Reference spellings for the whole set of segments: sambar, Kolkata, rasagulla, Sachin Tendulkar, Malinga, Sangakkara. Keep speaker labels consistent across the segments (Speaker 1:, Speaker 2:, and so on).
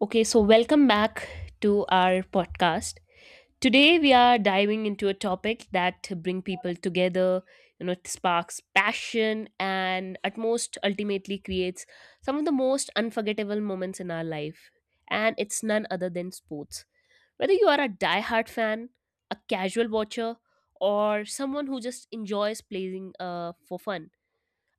Speaker 1: Okay, so welcome back to our podcast. Today we are diving into a topic that bring people together, it sparks passion and at most ultimately creates some of the most unforgettable moments in our life. And it's none other than sports. Whether you are a diehard fan, a casual watcher, or someone who just enjoys playing for fun,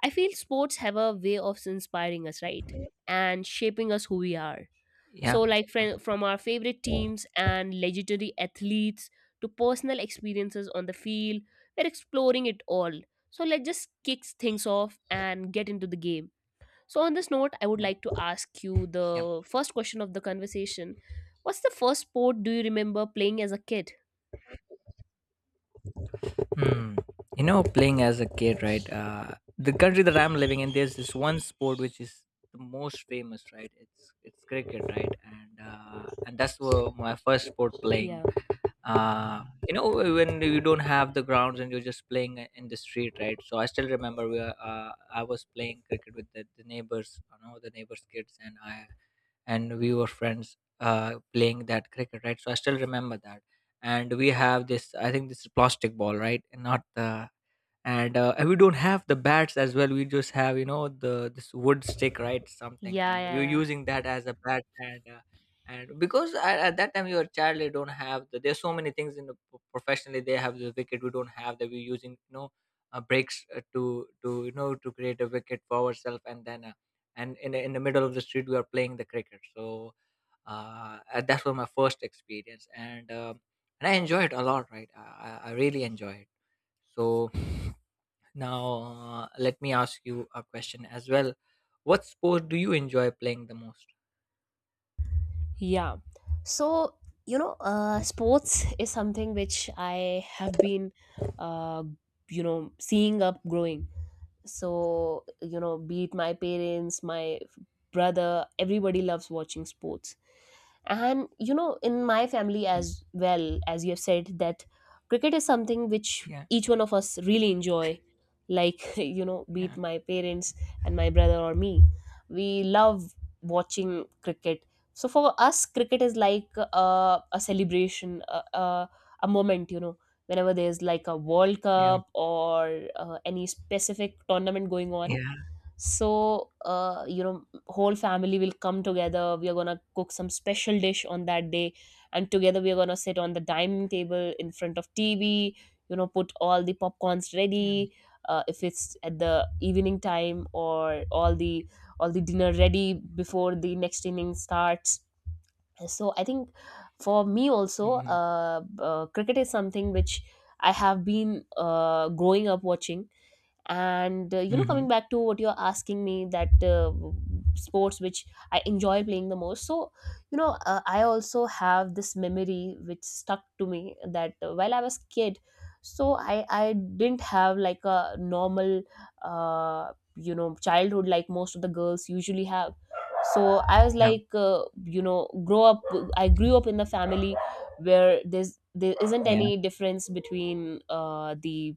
Speaker 1: I feel sports have a way of inspiring us, right? And shaping us who we are
Speaker 2: Yeah,
Speaker 1: so, like
Speaker 2: yeah,
Speaker 1: from our favorite teams and legendary athletes to personal experiences on the field, we're exploring it all. So, let's just kick things off and get into the game. So, on this note, I would
Speaker 2: yeah,
Speaker 1: like to ask you
Speaker 2: yeah.
Speaker 1: the first question of the conversation. What's the first sport do you remember playing as a kid?
Speaker 2: Hmm. You know, playing as a kid, right? The country that I'm living in, there's this one sport which is the most famous, right? It's cricket, right? And that's where my first sport playing.
Speaker 1: Yeah.
Speaker 2: You know, when you don't have the grounds and you're just playing in the street, right? So I still remember I was playing cricket with the neighbors, you know, the neighbors kids, and I and we were friends, playing that cricket, right? So I still remember that. And we have this, I think this is plastic ball, right, and not the and we don't have the bats as well. We just have, you know, the this wood stick, right, something,
Speaker 1: Yeah, yeah,
Speaker 2: and we were
Speaker 1: yeah.
Speaker 2: using that as a bat, and because at that time you're a child, you don't have there's so many things in the professionally, they have the wicket, we don't have that. We're using, you know, breaks, to you know, to create a wicket for ourselves, and then, and in the middle of the street we are playing the cricket. So that was my first experience, and I enjoy it a lot, right? I really enjoy it. So now, let me ask you a question as well. What sport do you enjoy playing the most?
Speaker 1: Yeah. So, you know, sports is something which I have been, uh, you know, seeing up growing. So you know, be it my parents, my brother, everybody loves watching sports. And you know, in my family as well, as you have said that cricket is something which
Speaker 2: Yeah,
Speaker 1: each one of us really enjoy, like you know, be it
Speaker 2: yeah,
Speaker 1: my parents and my brother or me, we love watching cricket. So for us cricket is like a celebration, a moment, you know, whenever there's like a World
Speaker 2: yeah,
Speaker 1: Cup or any specific tournament going on.
Speaker 2: yeah,
Speaker 1: So, you know, whole family will come together. We are gonna cook some special dish on that day, and together we are gonna sit on the dining table in front of TV. You know, put all the popcorns
Speaker 2: yeah.
Speaker 1: ready. If it's at the evening time or all the dinner ready before the next inning starts. So I think for me also,
Speaker 2: Mm-hmm.
Speaker 1: cricket is something which I have been, growing up watching. And you know,
Speaker 2: Mm-hmm.
Speaker 1: coming back to what you're asking me that sports which I enjoy playing the most. So you know, I also have this memory which stuck to me, that while I was kid, so I didn't have like a normal, you know, childhood like most of the girls usually have. So I was
Speaker 2: Yeah,
Speaker 1: like, you know, grow up I grew up in the family where there isn't
Speaker 2: yeah,
Speaker 1: any difference between the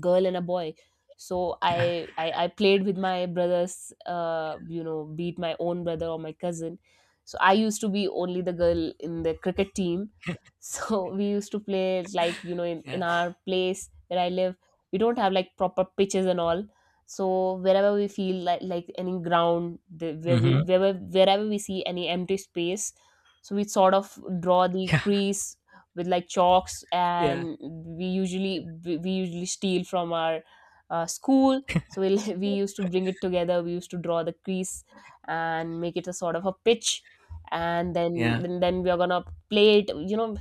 Speaker 1: girl and a boy. So
Speaker 2: yeah,
Speaker 1: I played with my brothers, you know, be it my own brother or my cousin. So I used to be only the girl in the cricket team. So we used to play, like you know, in
Speaker 2: yeah.
Speaker 1: our place where I live, we don't have like proper pitches and all. So wherever we feel like any ground, the, where we
Speaker 2: Mm-hmm.
Speaker 1: wherever we see any empty space, so we sort of draw the
Speaker 2: Yeah,
Speaker 1: crease with like chalks.
Speaker 2: yeah,
Speaker 1: And we usually
Speaker 2: yeah,
Speaker 1: we usually steal from our school. So we'll, we used to bring it together, we used to draw the crease and make it a sort of a pitch. And then
Speaker 2: yeah,
Speaker 1: then we are gonna play it, you know.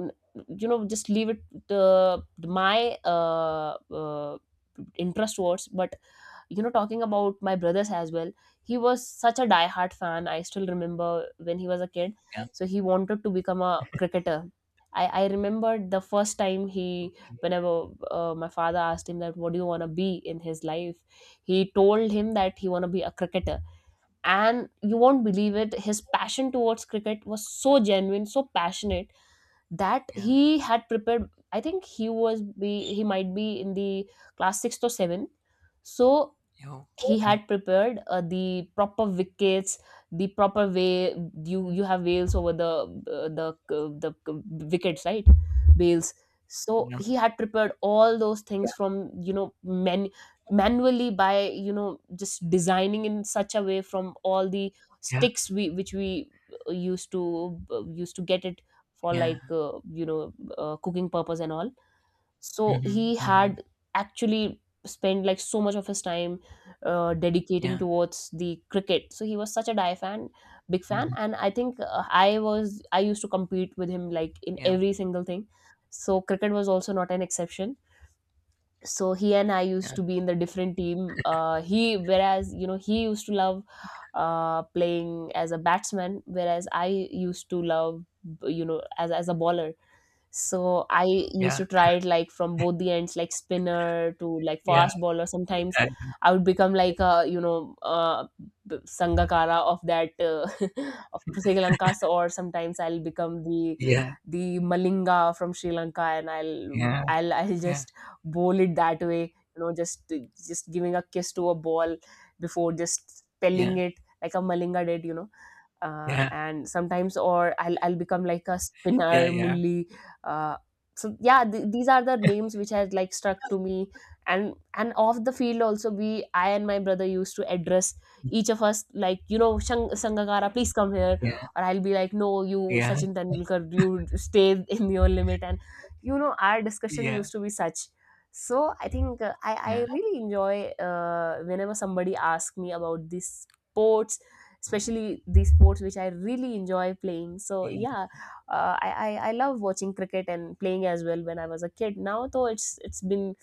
Speaker 1: n- you know, just leave it, the my uh interest towards. But you know, talking about my brothers as well, he was such a die-hard fan. I still remember when he was a kid,
Speaker 2: yeah.
Speaker 1: so he wanted to become a cricketer. I remember the first time he,
Speaker 2: Okay,
Speaker 1: whenever my father asked him that what do you want to be in his life, he told him that he want to be a cricketer. And you won't believe it, his passion towards cricket was so genuine, so passionate, that
Speaker 2: yeah.
Speaker 1: he had prepared, I think he might be in the class 6th or 7th. So
Speaker 2: Yo,
Speaker 1: he
Speaker 2: yeah,
Speaker 1: had prepared, the proper wickets, the proper way. You have wales over the uh, the uh, wickets, right? Wales. So
Speaker 2: yeah,
Speaker 1: he had prepared all those things from, you know, men manually, by you know, just designing in such a way from all the
Speaker 2: yeah,
Speaker 1: sticks we which we used to used to get it for
Speaker 2: yeah, yeah.
Speaker 1: like, you know, cooking purpose and all. So
Speaker 2: Mm-hmm.
Speaker 1: he
Speaker 2: Mm-hmm.
Speaker 1: had actually spent like so much of his time dedicating
Speaker 2: Yeah.
Speaker 1: towards the cricket. So he was such a die fan, big fan.
Speaker 2: Mm-hmm.
Speaker 1: And I think I used to compete with him like in
Speaker 2: Yeah,
Speaker 1: every single thing. So cricket was also not an exception. So he and I used to be in the different team. He, whereas you know, he used to love playing as a batsman, whereas I used to love, you know, as a baller. So I used
Speaker 2: yeah,
Speaker 1: to try it like from both the ends, like spinner to like
Speaker 2: yeah,
Speaker 1: fast bowler. Sometimes I would become like a you know, Sangakkara of that of Sri Lanka. Or sometimes I'll become
Speaker 2: yeah,
Speaker 1: the Malinga from Sri Lanka, and I'll
Speaker 2: yeah, yeah,
Speaker 1: I'll I'll
Speaker 2: yeah,
Speaker 1: just bowl it that way. You know, just giving a kiss to a ball before just
Speaker 2: yeah,
Speaker 1: spelling it like a Malinga did. You know,
Speaker 2: yeah, yeah,
Speaker 1: and sometimes or I'll become like a
Speaker 2: yeah,
Speaker 1: spinner
Speaker 2: yeah,
Speaker 1: mulli. uh, so yeah, these are the names which has like struck to me. And off the field also, we I and my brother used to address each of us, like you know, sangakara, please come here. Or I'll be like, no, you
Speaker 2: yeah,
Speaker 1: sachin tendulkar, you stay in your limit. And you know, our discussion
Speaker 2: yeah, yeah,
Speaker 1: used to be such. So I think I
Speaker 2: yeah,
Speaker 1: really enjoy, whenever somebody asks me about this sports, especially the sports which I really enjoy playing. So
Speaker 2: yeah.
Speaker 1: yeah, I love watching cricket and playing as well when I was a kid. Now though it's been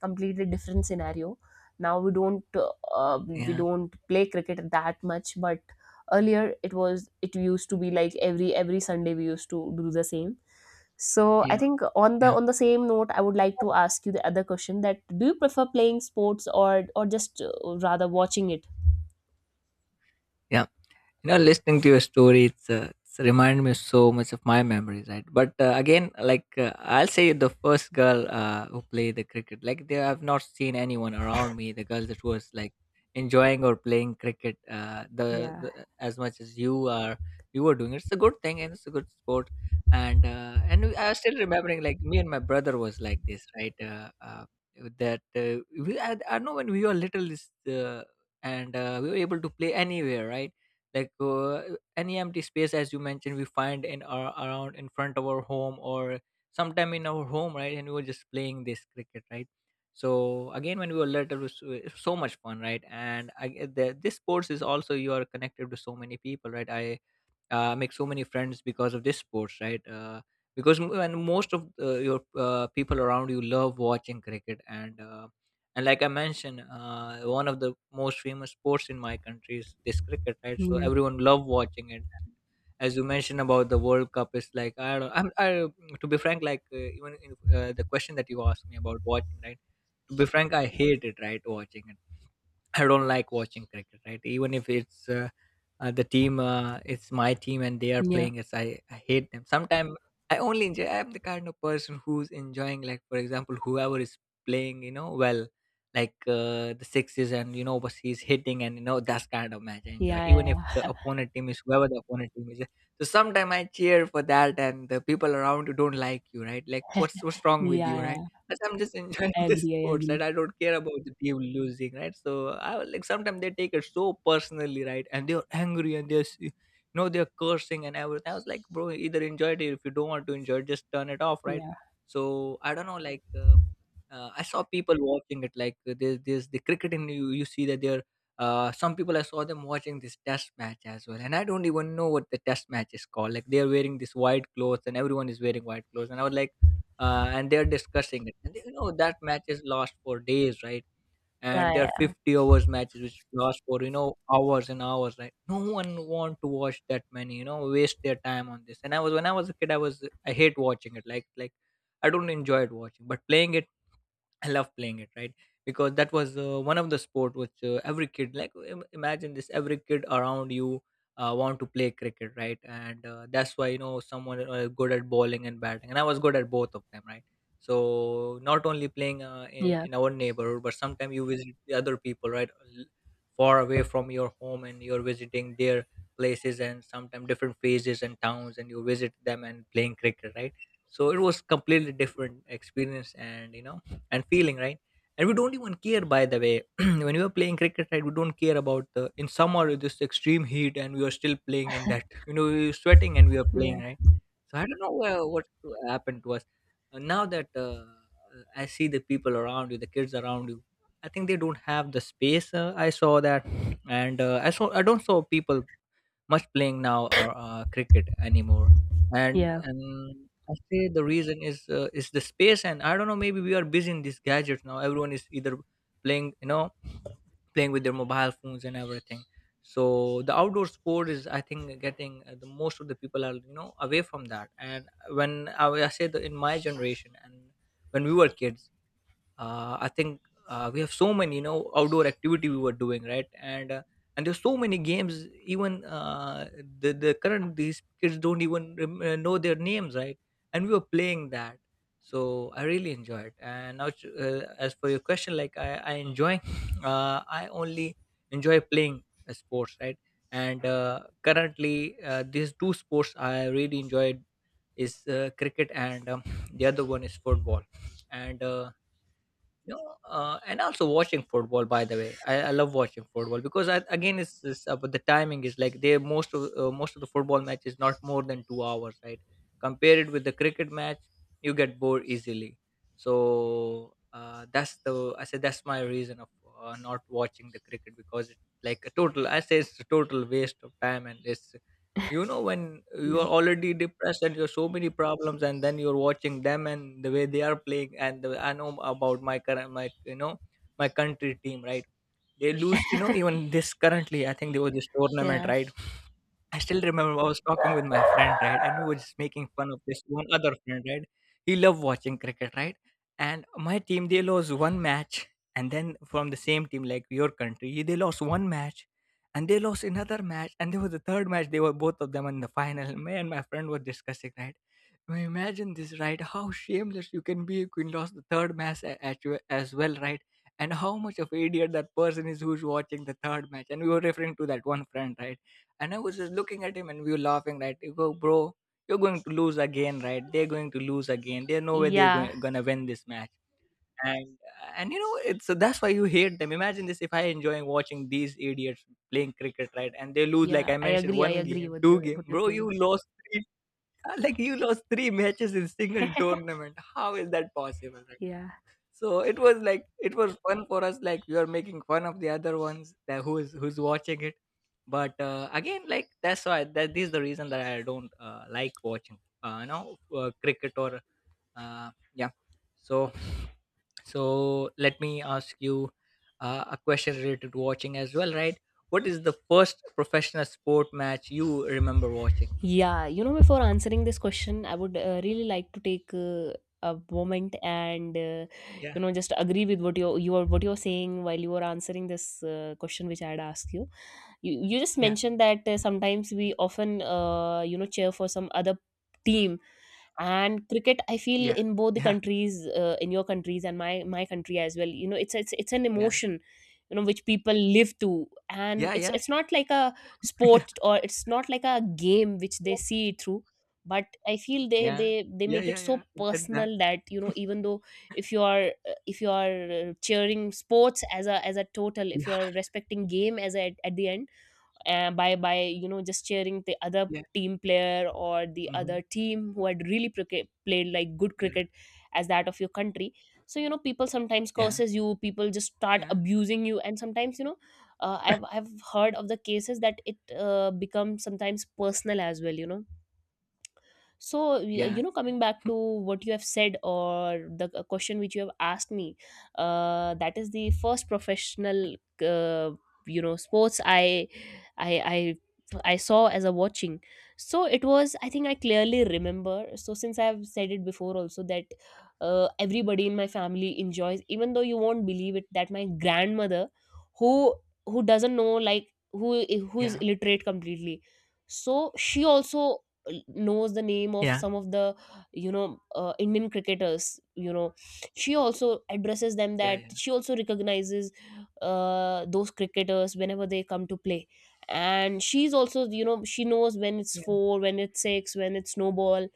Speaker 1: completely different scenario. Now uh, we
Speaker 2: Yeah,
Speaker 1: don't play cricket that much, but earlier it was it used to be like every Sunday we used to do the same. So I
Speaker 2: yeah,
Speaker 1: think on the
Speaker 2: yeah,
Speaker 1: same note, I would like to ask you the other question, that do you prefer playing sports, or just rather watching it?
Speaker 2: yeah. You know, listening to your story, it's reminded me so much of my memories, right? But again, like, I'll say the first girl, who played the cricket, like, there I've not seen anyone around me the girl that was like enjoying or playing cricket,
Speaker 1: Yeah,
Speaker 2: the as much as you were doing it. It's a good thing, and it's a good sport, and I was still remembering, like, me and my brother was like this, right? Uh, uh, that uh, we I, I know, when we were little this uh, and we were able to play anywhere, right? Like, any empty space, as you mentioned, we find in our around, in front of our home, or sometime in our home, right? And we were just playing this cricket, right? So again, when we were little, it so much fun, right? And this sports is also, you are connected to so many people, right? I make so many friends because of this sports, right? Because when most of your people around you love watching cricket, and like I mentioned, one of the most famous sports in my country is this cricket, right? So
Speaker 1: yeah,
Speaker 2: everyone love watching it. And as you mentioned about the World Cup, is like I don't I'm I, to be frank, like, even the question that you asked me about watching, right, to be frank, I hate it, right, watching it. I don't like watching cricket, right? Even if it's the team, it's my team, and they are
Speaker 1: yeah.
Speaker 2: playing us. I hate them. Sometimes I only enjoy. I'm the kind of person who's enjoying, like, for example, whoever is playing, you know, well, like, the sixes, and you know, what he's hitting, and you know, that's kind of match I enjoy.
Speaker 1: Yeah,
Speaker 2: Even if
Speaker 1: yeah,
Speaker 2: the opponent team is whoever the opponent team is, so sometimes I cheer for that, and the people around you don't like you, right? Like, what's wrong with
Speaker 1: yeah,
Speaker 2: you, right?
Speaker 1: yeah.
Speaker 2: But I'm just enjoying
Speaker 1: I
Speaker 2: the
Speaker 1: agree, I
Speaker 2: sports, right?
Speaker 1: agree.
Speaker 2: I don't care about the team losing, right? So like, sometimes they take it so personally, right? And they're angry, and you know, they're cursing and everything. I was like, bro, either enjoy it, if you don't want to enjoy, it, just turn it off, right?
Speaker 1: Yeah.
Speaker 2: So I don't know, like. I saw people watching it, like, there's the cricket, and you see that there some people, I saw them watching this test match as well, and I don't even know what the test match is called, like they're wearing this white clothes and everyone is wearing white clothes, and I was like, and they're discussing it, and you know, that match is lost for days, right? And there are
Speaker 1: Yeah,
Speaker 2: 50 overs matches which last for, you know, hours and hours, right? No one want to watch that many, you know, waste their time on this. And I was, when I was a kid I was I hate watching it, like I don't enjoy it watching. But playing it, I love playing it, right? Because that was, one of the sport which, every kid, like, imagine this, every kid around you want to play cricket, right? And that's why, you know, someone good at bowling and batting, and I was good at both of them, right? So not only playing, in,
Speaker 1: yeah,
Speaker 2: in our neighborhood, but sometimes you visit the other people, right, l- far away from your home, and you're visiting their places, and sometimes different phases and towns, and you visit them and playing cricket, right? So it was completely different experience, and you know, and feeling, right? And we don't even care, by the way. When we are playing cricket, right, we don't care about the in summer this extreme heat, and we are still playing in that. You know, we're sweating and we are
Speaker 1: yeah,
Speaker 2: playing, right? So I don't know what happened to us. Now that I see the people around you, the kids around you, I think they don't have the space. I saw that, and I don't saw people much playing now, or cricket anymore. And
Speaker 1: yeah,
Speaker 2: and I say the reason is the space, and I don't know. Maybe we are busy in these gadgets now. Everyone is either playing, you know, playing with their mobile phones and everything. So the outdoor sport is, I think, getting the most of the people are, you know, away from that. And when I say that, in my generation and when we were kids, I think, we have so many, you know, outdoor activity we were doing, right, and there's so many games, even the current these kids don't even know their names, right? And we were playing that. So I really enjoyed. And now, as for your question, like, I enjoy I only enjoy playing, sports, right? And currently, these two sports I really enjoyed is cricket, and the other one is football, and you know, and also watching football. By the way, I love watching football, because I, again, it's about the timing, is like they most of the football match is not more than 2 hours, right? Compare it with the cricket match, you get bored easily. So that's the I say that's my reason of not watching the cricket, because it's like a total. I say it's a total waste of time. And it's when you
Speaker 1: yeah,
Speaker 2: are already depressed and you have so many problems and then you're watching them and the way they are playing, and I know about my current, my you know my country team, right? They lose, even this currently. I think there was this tournament,
Speaker 1: yeah,
Speaker 2: right? I still remember I was talking with my friend, right? And we were just making fun of this one other friend, right? He loved watching cricket, right? And my team, they lost one match. And then from the same team, like your country, they lost one match. And they lost another match. And there was a third match, they were both of them in the final. Me and my friend were discussing, right? I mean, imagine this, right? How shameless you can be if you lost the third match at you as well, right? And how much of idiot that person is who's watching the third match. And we were referring to that one friend, right? And I was just looking at him and we were laughing, right? You go, bro, you're going to lose again, right? They're going to lose again. There's no way
Speaker 1: yeah,
Speaker 2: gonna win this match. And and it's so, that's why you hate them. Imagine this, if I enjoying watching these idiots playing cricket, right? And they lose, like
Speaker 1: yeah.
Speaker 2: I
Speaker 1: I
Speaker 2: mentioned,
Speaker 1: agree. I
Speaker 2: one
Speaker 1: agree
Speaker 2: game,
Speaker 1: with
Speaker 2: two
Speaker 1: your
Speaker 2: game,
Speaker 1: what you're
Speaker 2: bro,
Speaker 1: saying.
Speaker 2: you lost three. Like you lost three matches in single tournament. How is that possible, right?
Speaker 1: Yeah,
Speaker 2: So it was like it was fun for us. Like we are making fun of the other ones, that who is who's watching it. But again, like that's why that this is the reason that I don't like watching. Cricket or yeah. So so let me ask you a question related to watching as well, right? What is the first professional sport match you remember watching?
Speaker 1: yeah. You know, before answering this question, I would really like to take a moment and
Speaker 2: Yeah,
Speaker 1: you know, just agree with what you are what you're saying while you were answering this question which I had asked you. You just
Speaker 2: yeah,
Speaker 1: mentioned that sometimes we often, you know, cheer for some other team. And cricket, I feel
Speaker 2: yeah,
Speaker 1: in both the
Speaker 2: yeah,
Speaker 1: countries, in your countries and my country as well, you know, it's an
Speaker 2: yeah,
Speaker 1: emotion, you know, which people live to. And
Speaker 2: yeah,
Speaker 1: it's
Speaker 2: yeah,
Speaker 1: it's not like a
Speaker 2: yeah,
Speaker 1: sport, or it's not like a game which they see it through. But I feel they
Speaker 2: yeah,
Speaker 1: they they
Speaker 2: yeah,
Speaker 1: make it
Speaker 2: yeah, yeah.
Speaker 1: so
Speaker 2: Did that?
Speaker 1: personal that you know, even though if you are, if you are, cheering sports as a total, if you
Speaker 2: Yeah,
Speaker 1: are respecting game as a, at the end, by you know, just cheering the other team player or the
Speaker 2: yeah.
Speaker 1: other team who had really played like good
Speaker 2: Yeah,
Speaker 1: cricket as that of your country. So you know, people sometimes
Speaker 2: yeah,
Speaker 1: curses you, people just start
Speaker 2: yeah,
Speaker 1: abusing you, and sometimes you know, I've heard of the cases that it becomes sometimes personal as well. You know, so
Speaker 2: yeah,
Speaker 1: you know, coming back to what you have said or the question which you have asked me, that is the first professional, uh, you know, sports i i I saw as a watching. So it was, I think I clearly remember. So since I've said it before also, that everybody in my family enjoys, even though you won't believe it, that my grandmother, who doesn't know, like who is
Speaker 2: yeah,
Speaker 1: illiterate completely, so she also knows the name of
Speaker 2: yeah,
Speaker 1: some of the you know, indian cricketers, you know, she also addresses them, that
Speaker 2: yeah,
Speaker 1: she also recognizes those cricketers whenever they come to play. And she's also, you know, she knows when it's 4, when it's 6, when it's no ball.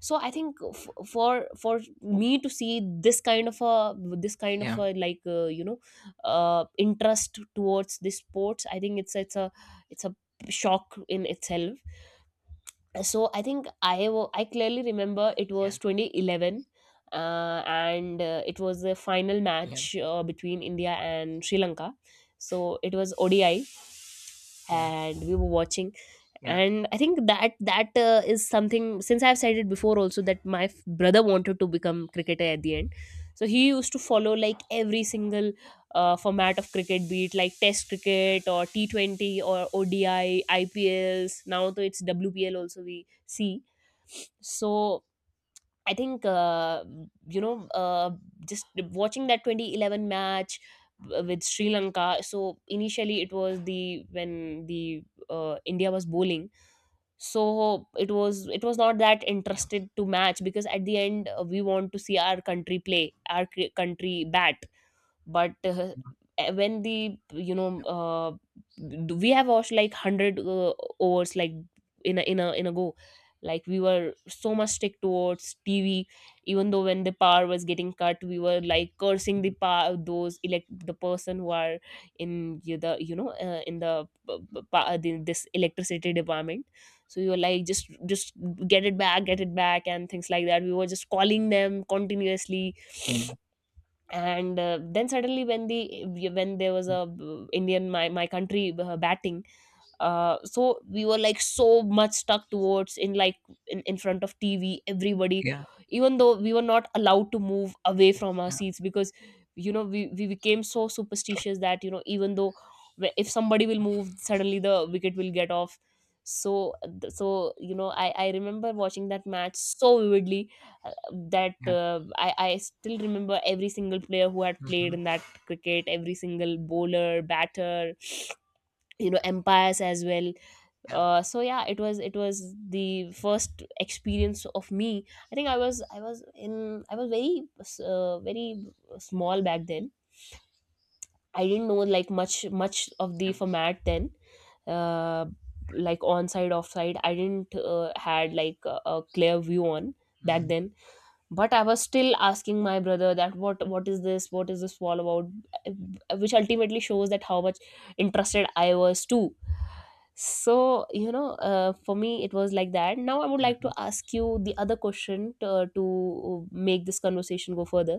Speaker 1: So I think for for me to see this kind of a this kind
Speaker 2: yeah,
Speaker 1: of
Speaker 2: yeah,
Speaker 1: a like you know interest towards this sports. I think it's a it's a shock in itself. So I think I clearly remember it
Speaker 2: yeah, yeah,
Speaker 1: was 2011. Uh, and It was the final match between India and Sri Lanka. So it was ODI
Speaker 2: yeah, yeah, yeah, yeah,
Speaker 1: and we were watching.
Speaker 2: yeah,
Speaker 1: And I think that is something, since I've said it before also, that my brother wanted to become cricketer at the end. So he used to follow like every single format of cricket, be it like test cricket or t20 or odi ipls. Now though it's wpl also we see. So I think you know uh, just watching that 2011 match with Sri Lanka. So initially it was the when the India was bowling. So it was not that
Speaker 2: yeah, yeah,
Speaker 1: interested to match because at the end we want to see our country play, our country bat. But when the you know we have watched like 100 overs like in a go. Like we were so much stick towards TV, even though when the power was getting cut, we were like cursing the power, those elect the person who are in y- the you know in the, the this electricity department. So we were like just get it back, get it back, and things like that. We were just calling them continuously.
Speaker 2: yeah,
Speaker 1: And then suddenly when there was a indian, my country batting. So we were like so much stuck towards in, like in front of TV, everybody. Even though we were not allowed to move away from our seats, because you know we became so superstitious that, you know, even though if somebody will move, suddenly the wicket will get off. So so you know, I remember watching that match so vividly, that I still remember every single player who had played
Speaker 2: mhm,
Speaker 1: in that cricket, every single bowler, batter, you know, empires as well.
Speaker 2: yeah,
Speaker 1: So yeah, it was, it was the first experience of me. I think I was very very small back then. I didn't know like much of the
Speaker 2: mhm,
Speaker 1: format then. uh, like on side, off side, I didn't had like a clear view on back then. But I was still asking my brother that what is this, what is this all about. Which ultimately shows that how much interested I was too. So you know, for me it was like that. Now I would
Speaker 2: mhm,
Speaker 1: like to
Speaker 2: mhm,
Speaker 1: ask you the other question, to make this conversation go further,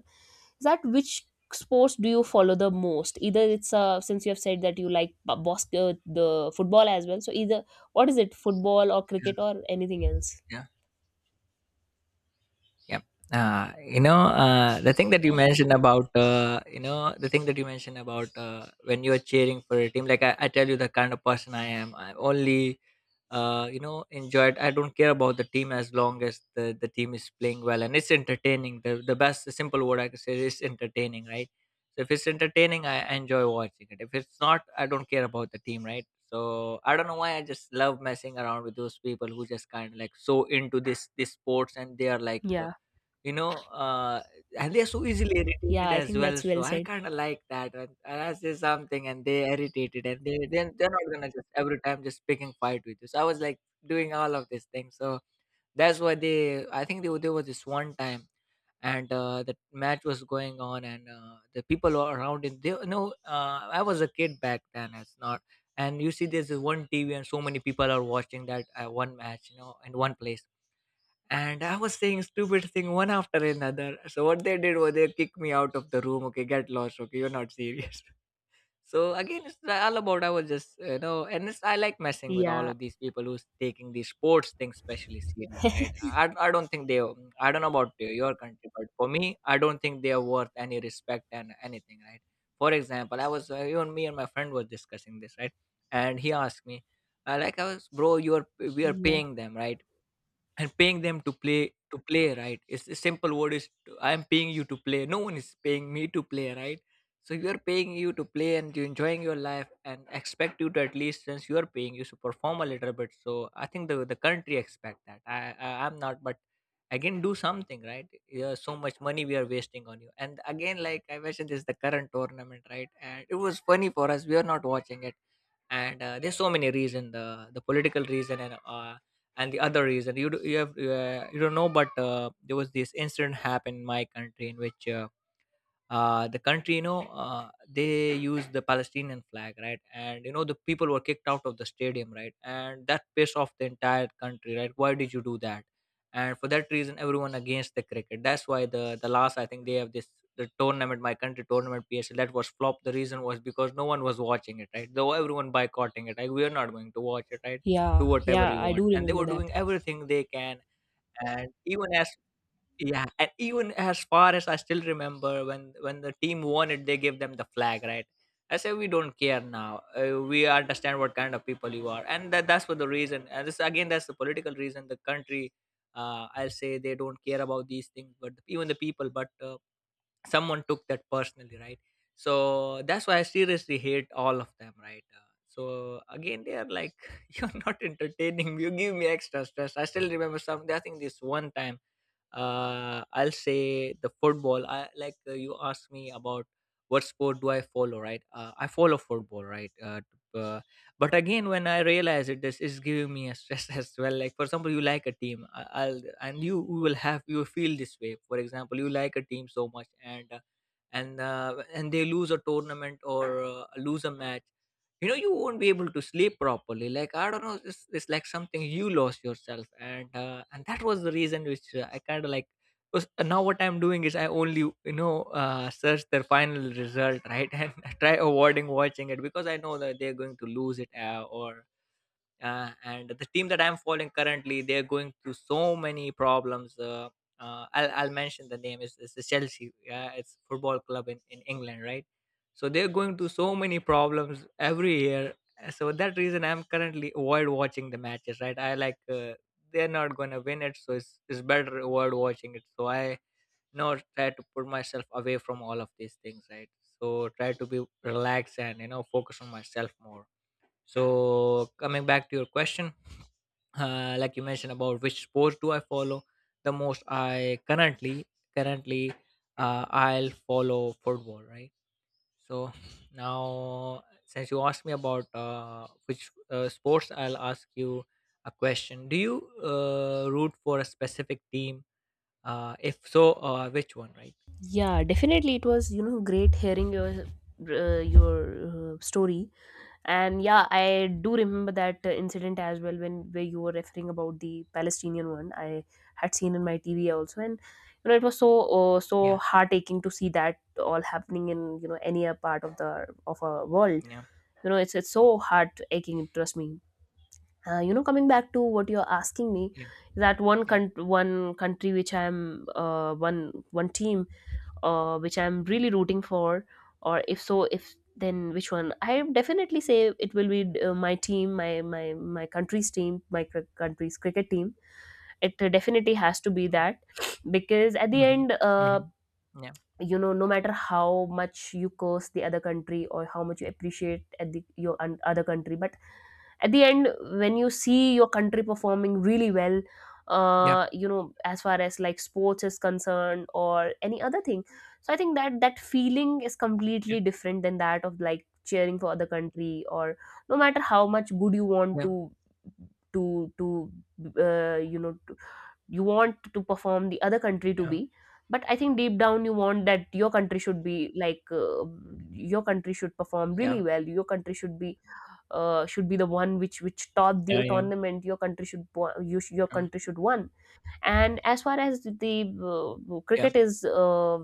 Speaker 1: is that which sports do you follow the most? Either it's since you have said that you like the football as well, so either what is it, football or cricket
Speaker 2: yeah,
Speaker 1: or anything else?
Speaker 2: yeah. Yeah. You know, the thing that you mentioned about, you know, The thing that you mentioned about when you're cheering for a team, like, I tell you, the kind of person I am. I only enjoy it. I don't care about the team as long as the team is playing well and it's entertaining. The best the simple word I can say is entertaining, right? So if it's entertaining, I enjoy watching it. If it's not, I don't care about the team, right? So I don't know why I just love messing around with those people who just kind of like so into this sports. And they are like
Speaker 1: Yeah,
Speaker 2: you know, uh, and they're so easily
Speaker 1: yeah,
Speaker 2: irritated
Speaker 1: I
Speaker 2: as
Speaker 1: think
Speaker 2: well.
Speaker 1: that's well
Speaker 2: So I
Speaker 1: said.
Speaker 2: kind of like that. When I say something and they irritated, and they then they're not gonna just every time just picking fight with you. So I was like doing all of these things. So that's why they. I think there was this one time, and the match was going on, and the people were around it. They, I was a kid back then. It's not. And you see, there's this one TV, and so many people are watching that one match, you know, in one place. And I was saying stupid thing one after another. So what they did was they kicked me out of the room. Okay, get lost. Okay, you're not serious. So again, it's all about I was just and it's, I like messing with all
Speaker 1: Yeah,
Speaker 2: of these people who's taking these sports things especially serious, right? I don't think they, I don't know about your country, but for me, I don't think they are worth any respect and anything, right? For example, I was even me and my friend was discussing this, right? And he asked me, like I was, bro, you are we are
Speaker 1: yeah,
Speaker 2: paying them, right? And paying them to play, right? It's a simple word is I am paying you to play. No one is paying me to play, right? So you're paying you to play and you're enjoying your life, and expect you to at least since you're paying you to perform a little bit. So I think the country expect that I, I'm not, but again do something, right? Yeah, so much money we are wasting on you. And again, like I mentioned, this is the current tournament, right? And it was funny for us. We are not watching it. And there's so many reason, the political reason and the other reason. You have you don't know, but there was this incident happened in my country in which the country, they used the Palestinian flag, right? And you know the people were kicked out of the stadium, right? And that pissed off the entire country, right? Why did you do that? And for that reason, everyone against the cricket. That's why the last I think they have this the tournament, my country tournament, PSL, that was flop. The reason was because no one was watching it, right? Though everyone boycotting it, like, we are not going to watch it, right? Do
Speaker 1: yeah,
Speaker 2: whatever
Speaker 1: yeah.
Speaker 2: you
Speaker 1: I
Speaker 2: want.
Speaker 1: do
Speaker 2: And they
Speaker 1: remember
Speaker 2: were
Speaker 1: that.
Speaker 2: doing everything they can. And even as Yeah, and even as far as I still remember, when the team won it, they gave them the flag, right? I say we don't care now. We understand what kind of people you are, and that's for the reason. And this again, that's the political reason. The country, I'll say they don't care about these things, but even the people. But someone took that personally, right? So that's why I seriously hate all of them, right? So again, they are like, you're not entertaining. You give me extra stress. I still remember something. I think this one time I'll say the football. I like you asked me about what sport do I follow, right? I follow football, right? But again, when I realize it, this is giving me a stress as well. Like for example, you like a team, I'll and you will have you will feel this way. For example, you like a team so much, and they lose a tournament or lose a match. You know you won't be able to sleep properly. Like, I don't know, it's like something you lost yourself. And and that was the reason which I kind of like. Because now what I'm doing is I only you know search their final result, right? And I try avoiding watching it because I know that they're going to lose it. Or and the team that I'm following currently, they're going through so many problems. I'll mention the name is it's the Chelsea. Yeah, it's football club in England, right? So they're going through so many problems every year. So that reason I'm currently avoid watching the matches, right? I like they're not gonna win it, so it's better avoid watching it. So I now try to put myself away from all of these things, right? So try to be relaxed and you know focus on myself more. So coming back to your question, like you mentioned about which sports do I follow the most, I currently I'll follow football, right? So now since you asked me about which sports, I'll ask you a question. Do you root for a specific team? If so, which one, right?
Speaker 1: Yeah, definitely, it was, you know, great hearing your story. And yeah, I do remember that incident as well, when where you were referring about the Palestinian one. I had seen in my TV also, and you know it was so so
Speaker 2: Yeah,
Speaker 1: heart aching to see that all happening in, you know, any a part of the of a world.
Speaker 2: yeah,
Speaker 1: You know, it's so heart aching, trust me. You know, coming back to what you're asking me,
Speaker 2: yeah,
Speaker 1: that
Speaker 2: yeah,
Speaker 1: one country which I'm one one team which I'm really rooting for, or if so, if then which one? I definitely say it will be my team, my country's team, my country's cricket team. It definitely has to be
Speaker 2: yeah.
Speaker 1: that, because at the
Speaker 2: Mm-hmm,
Speaker 1: end,
Speaker 2: mm-hmm. Yeah,
Speaker 1: you know, no matter how much you curse the other country, or how much you appreciate at the your other country, but at the end, when you see your country performing really well,
Speaker 2: yeah,
Speaker 1: you know, as far as like sports is concerned or any other thing. So I think that that feeling is
Speaker 2: yeah,
Speaker 1: completely different than that of like cheering for other country. Or no matter how much good you want
Speaker 2: yeah,
Speaker 1: to to to uh, you know you want to perform the other country to
Speaker 2: yeah,
Speaker 1: be, but I think deep down you want that your country should be like your country should perform
Speaker 2: yeah,
Speaker 1: really well, your country should be the one which top the
Speaker 2: yeah. Yeah.
Speaker 1: tournament, your country should your
Speaker 2: Um,
Speaker 1: country should won. And as far as the
Speaker 2: yeah,
Speaker 1: cricket is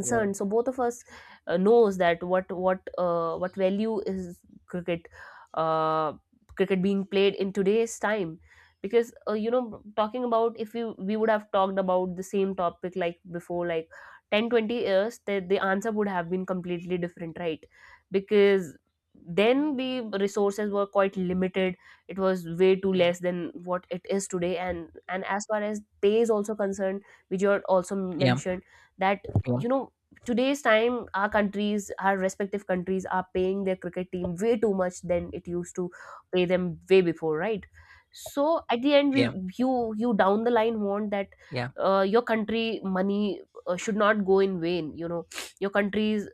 Speaker 2: yeah,
Speaker 1: so both of us knows that what value is cricket uh, cricket being played in today's time. Because you know, talking about, if we would have talked about the same topic like before, like 10, 20 years, the answer would have been completely different, right? Because then the resources were quite limited, it was way too
Speaker 2: yeah,
Speaker 1: less than what it is today. And as far as pay is also concerned, which you had also
Speaker 2: yeah,
Speaker 1: mentioned, that you know today's time our countries, our respective countries, are paying their cricket team way too much than it used to pay them way before, right? So at the end, we,
Speaker 2: yeah,
Speaker 1: you you down the line want that
Speaker 2: yeah,
Speaker 1: your country money should not go in vain, you know. Your country is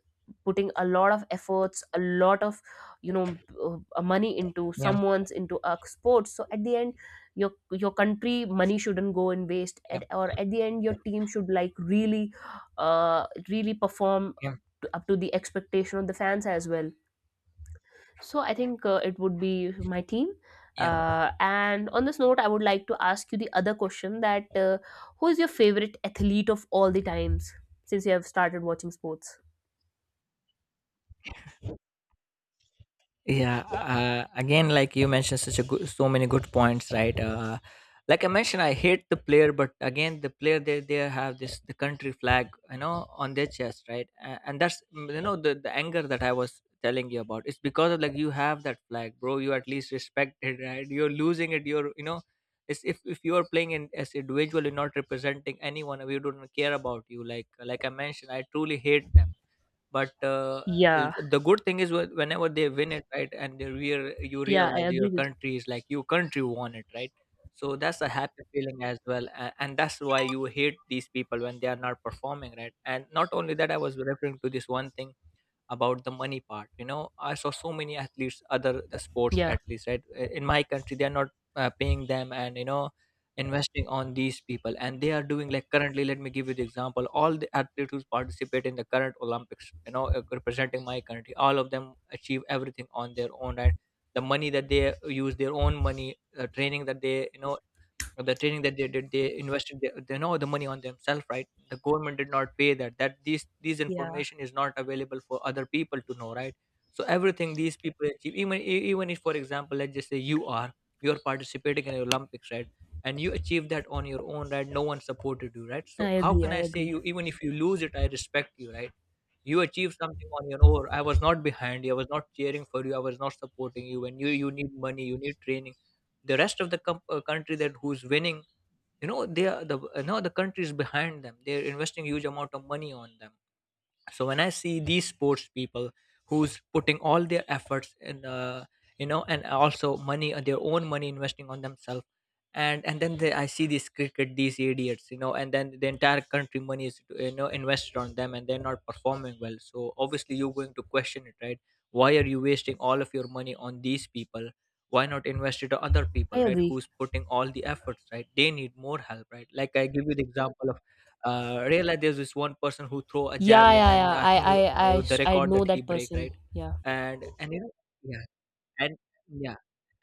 Speaker 1: putting a lot of efforts, a lot of, you know, money into
Speaker 2: yeah,
Speaker 1: someone's, into a sports. So at the end your country money shouldn't go in waste
Speaker 2: yeah,
Speaker 1: at, or at the end your team should like really really perform
Speaker 2: yeah,
Speaker 1: up to the expectation of the fans as well. So I think it would be my team.
Speaker 2: yeah.
Speaker 1: And on this note, I would like to ask you the other question: that who is your favorite athlete of all the times since you have started watching sports?
Speaker 2: Yeah, again, like you mentioned such a good, so many good points, right? Like I mentioned, I hate the player, but again, the player, they have this the country flag, you know, on their chest, right? And that's, mm, you know, the anger that I was telling you about, it's because of, like, you have that flag, bro, you at least respect it, right? You're losing it, you're you know. It's, if you are playing in, as individual, you're not representing anyone. We don't care about you, like I mentioned, I truly hate them. But
Speaker 1: Yeah,
Speaker 2: the good thing is whenever they win it, right, and you
Speaker 1: yeah,
Speaker 2: realize
Speaker 1: I
Speaker 2: your
Speaker 1: agree with.
Speaker 2: country is like your country won it, right? So that's a happy feeling as well, and that's why you hate these people when they are not performing, right? And not only that, I was referring to this one thing about the money part, I saw so many athletes, other the sports
Speaker 1: Yeah,
Speaker 2: athletes, right? In my country they are not paying them and investing on these people, and they are doing like currently. Let me give you the example. All the athletes who participate in the current Olympics, representing my country, all of them achieve everything on their own, right? The money that they use, their own money, training that they or the training that they did, they invested the money on themselves, right? The government did not pay that. These
Speaker 1: yeah,
Speaker 2: information is not available for other people to know, right? So everything these people achieve, even even if, for example, let's just say you are participating in the Olympics, right? And you achieve that on your own, right? No one supported you, right?
Speaker 1: I
Speaker 2: So how
Speaker 1: agree.
Speaker 2: can
Speaker 1: I
Speaker 2: I say,
Speaker 1: agree.
Speaker 2: you, even if you lose it, I respect you, right? You achieved something on your own. I was not behind you, I was not cheering for you, I was not supporting you. And you need money, you need training. The rest of the country that who's winning, they are the, the country is behind them, they're investing huge amount of money on them. So when I see these sports people, who's putting all their efforts in, and also money, their own money, investing on themselves, and then I see these cricket, these idiots, and then the entire country money is, invested on them, and they're not performing well. So obviously you're going to question it, right? Why are you wasting all of your money on these people? Why not invest it on other
Speaker 1: I
Speaker 2: people, right,
Speaker 1: agree.
Speaker 2: who's putting all the efforts, right? They need more help, right? Like I give you the example of real life. There's this one person who throw a
Speaker 1: Yeah,
Speaker 2: javelin,
Speaker 1: yeah,
Speaker 2: and
Speaker 1: yeah.
Speaker 2: I think the
Speaker 1: I
Speaker 2: record
Speaker 1: know
Speaker 2: that he
Speaker 1: that
Speaker 2: break,
Speaker 1: person.
Speaker 2: right?
Speaker 1: Yeah,
Speaker 2: And yeah. And yeah.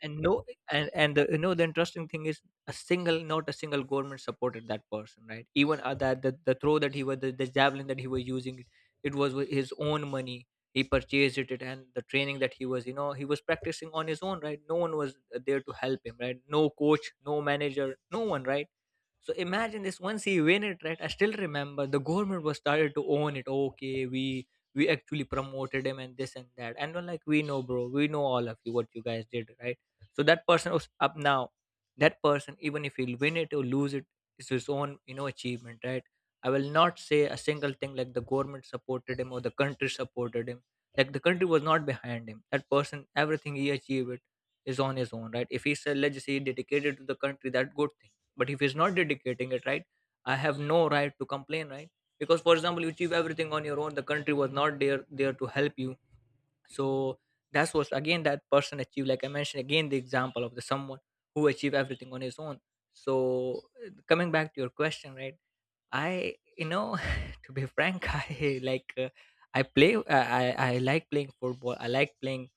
Speaker 2: And no. And you know, the interesting thing is, a single, not a single government supported that person, right? Even that the throw that he was, the javelin that he was using, it was with his own money. He purchased it. And the training that he was, he was practicing on his own, right? No one was there to help him, right? No coach, no manager, no one, right? So imagine this. Once he win it, right? I still remember the government was started to own it. Okay, we actually promoted him and this and that. And we're like, we know, bro. We know all of you, what you guys did, right? So that person was up now. That person, even if he'll win it or lose it, is his own, achievement, right? I will not say a single thing like the government supported him or the country supported him. Like the country was not behind him. That person, everything he achieved it is on his own, right? If he's a legacy dedicated to the country, that good, but if he's not dedicating it, right, I have no right to complain, right? Because, for example, you achieve everything on your own, the country was not there to help you. So that's what, again, that person achieved, like I mentioned, again, the example of the someone who achieved everything on his own. So coming back to your question, right, I, to be frank I like, uh, i play I, I I like playing football, I like playing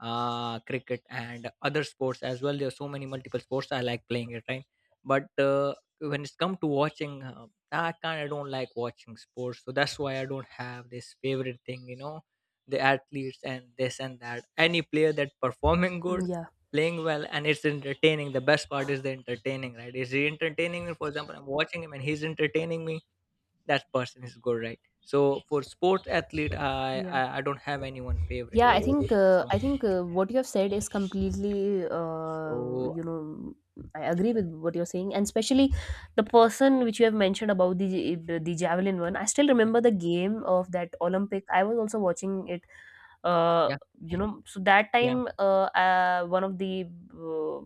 Speaker 2: cricket and other sports as well. There are so many multiple sports. I like playing it, right? But when it's come to watching, I kind of don't like watching sports. So that's why I don't have this favorite thing, you know, the athletes and this and that. Any player that performing
Speaker 1: mm,
Speaker 2: good,
Speaker 1: yeah,
Speaker 2: playing well, and it's entertaining. The best part is the entertaining, right? Is he entertaining me? For example, I'm watching him and he's entertaining me. That person is good, right? So for sports athlete, I
Speaker 1: yeah.
Speaker 2: I, I don't have anyone favorite,
Speaker 1: Yeah,
Speaker 2: right? So.
Speaker 1: I think
Speaker 2: Yeah.
Speaker 1: what you have said is completely,
Speaker 2: So
Speaker 1: I agree with what you're saying, and especially the person which you have mentioned about the the javelin one. I still remember the game of that Olympic. I was also watching it. Uh,
Speaker 2: yeah,
Speaker 1: you know, so that
Speaker 2: yeah,
Speaker 1: time, one of the uh,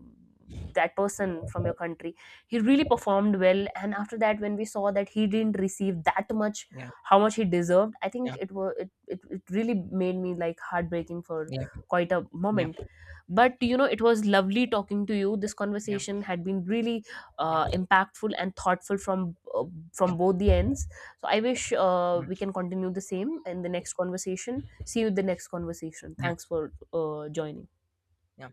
Speaker 1: that person from your country, he really performed well, and after that, when we saw that he didn't receive that much,
Speaker 2: yeah,
Speaker 1: how much he deserved, I think
Speaker 2: yeah,
Speaker 1: it was, it really made me like heartbreaking for
Speaker 2: yeah,
Speaker 1: quite a
Speaker 2: yeah,
Speaker 1: moment.
Speaker 2: yeah,
Speaker 1: But you know, it was lovely talking to you. This
Speaker 2: yeah,
Speaker 1: conversation had been really
Speaker 2: yeah,
Speaker 1: impactful and thoughtful
Speaker 2: yeah,
Speaker 1: from both the ends. So I wish we can continue the same in the next conversation. See you in the next conversation.
Speaker 2: yeah,
Speaker 1: Thanks for joining.
Speaker 2: yeah.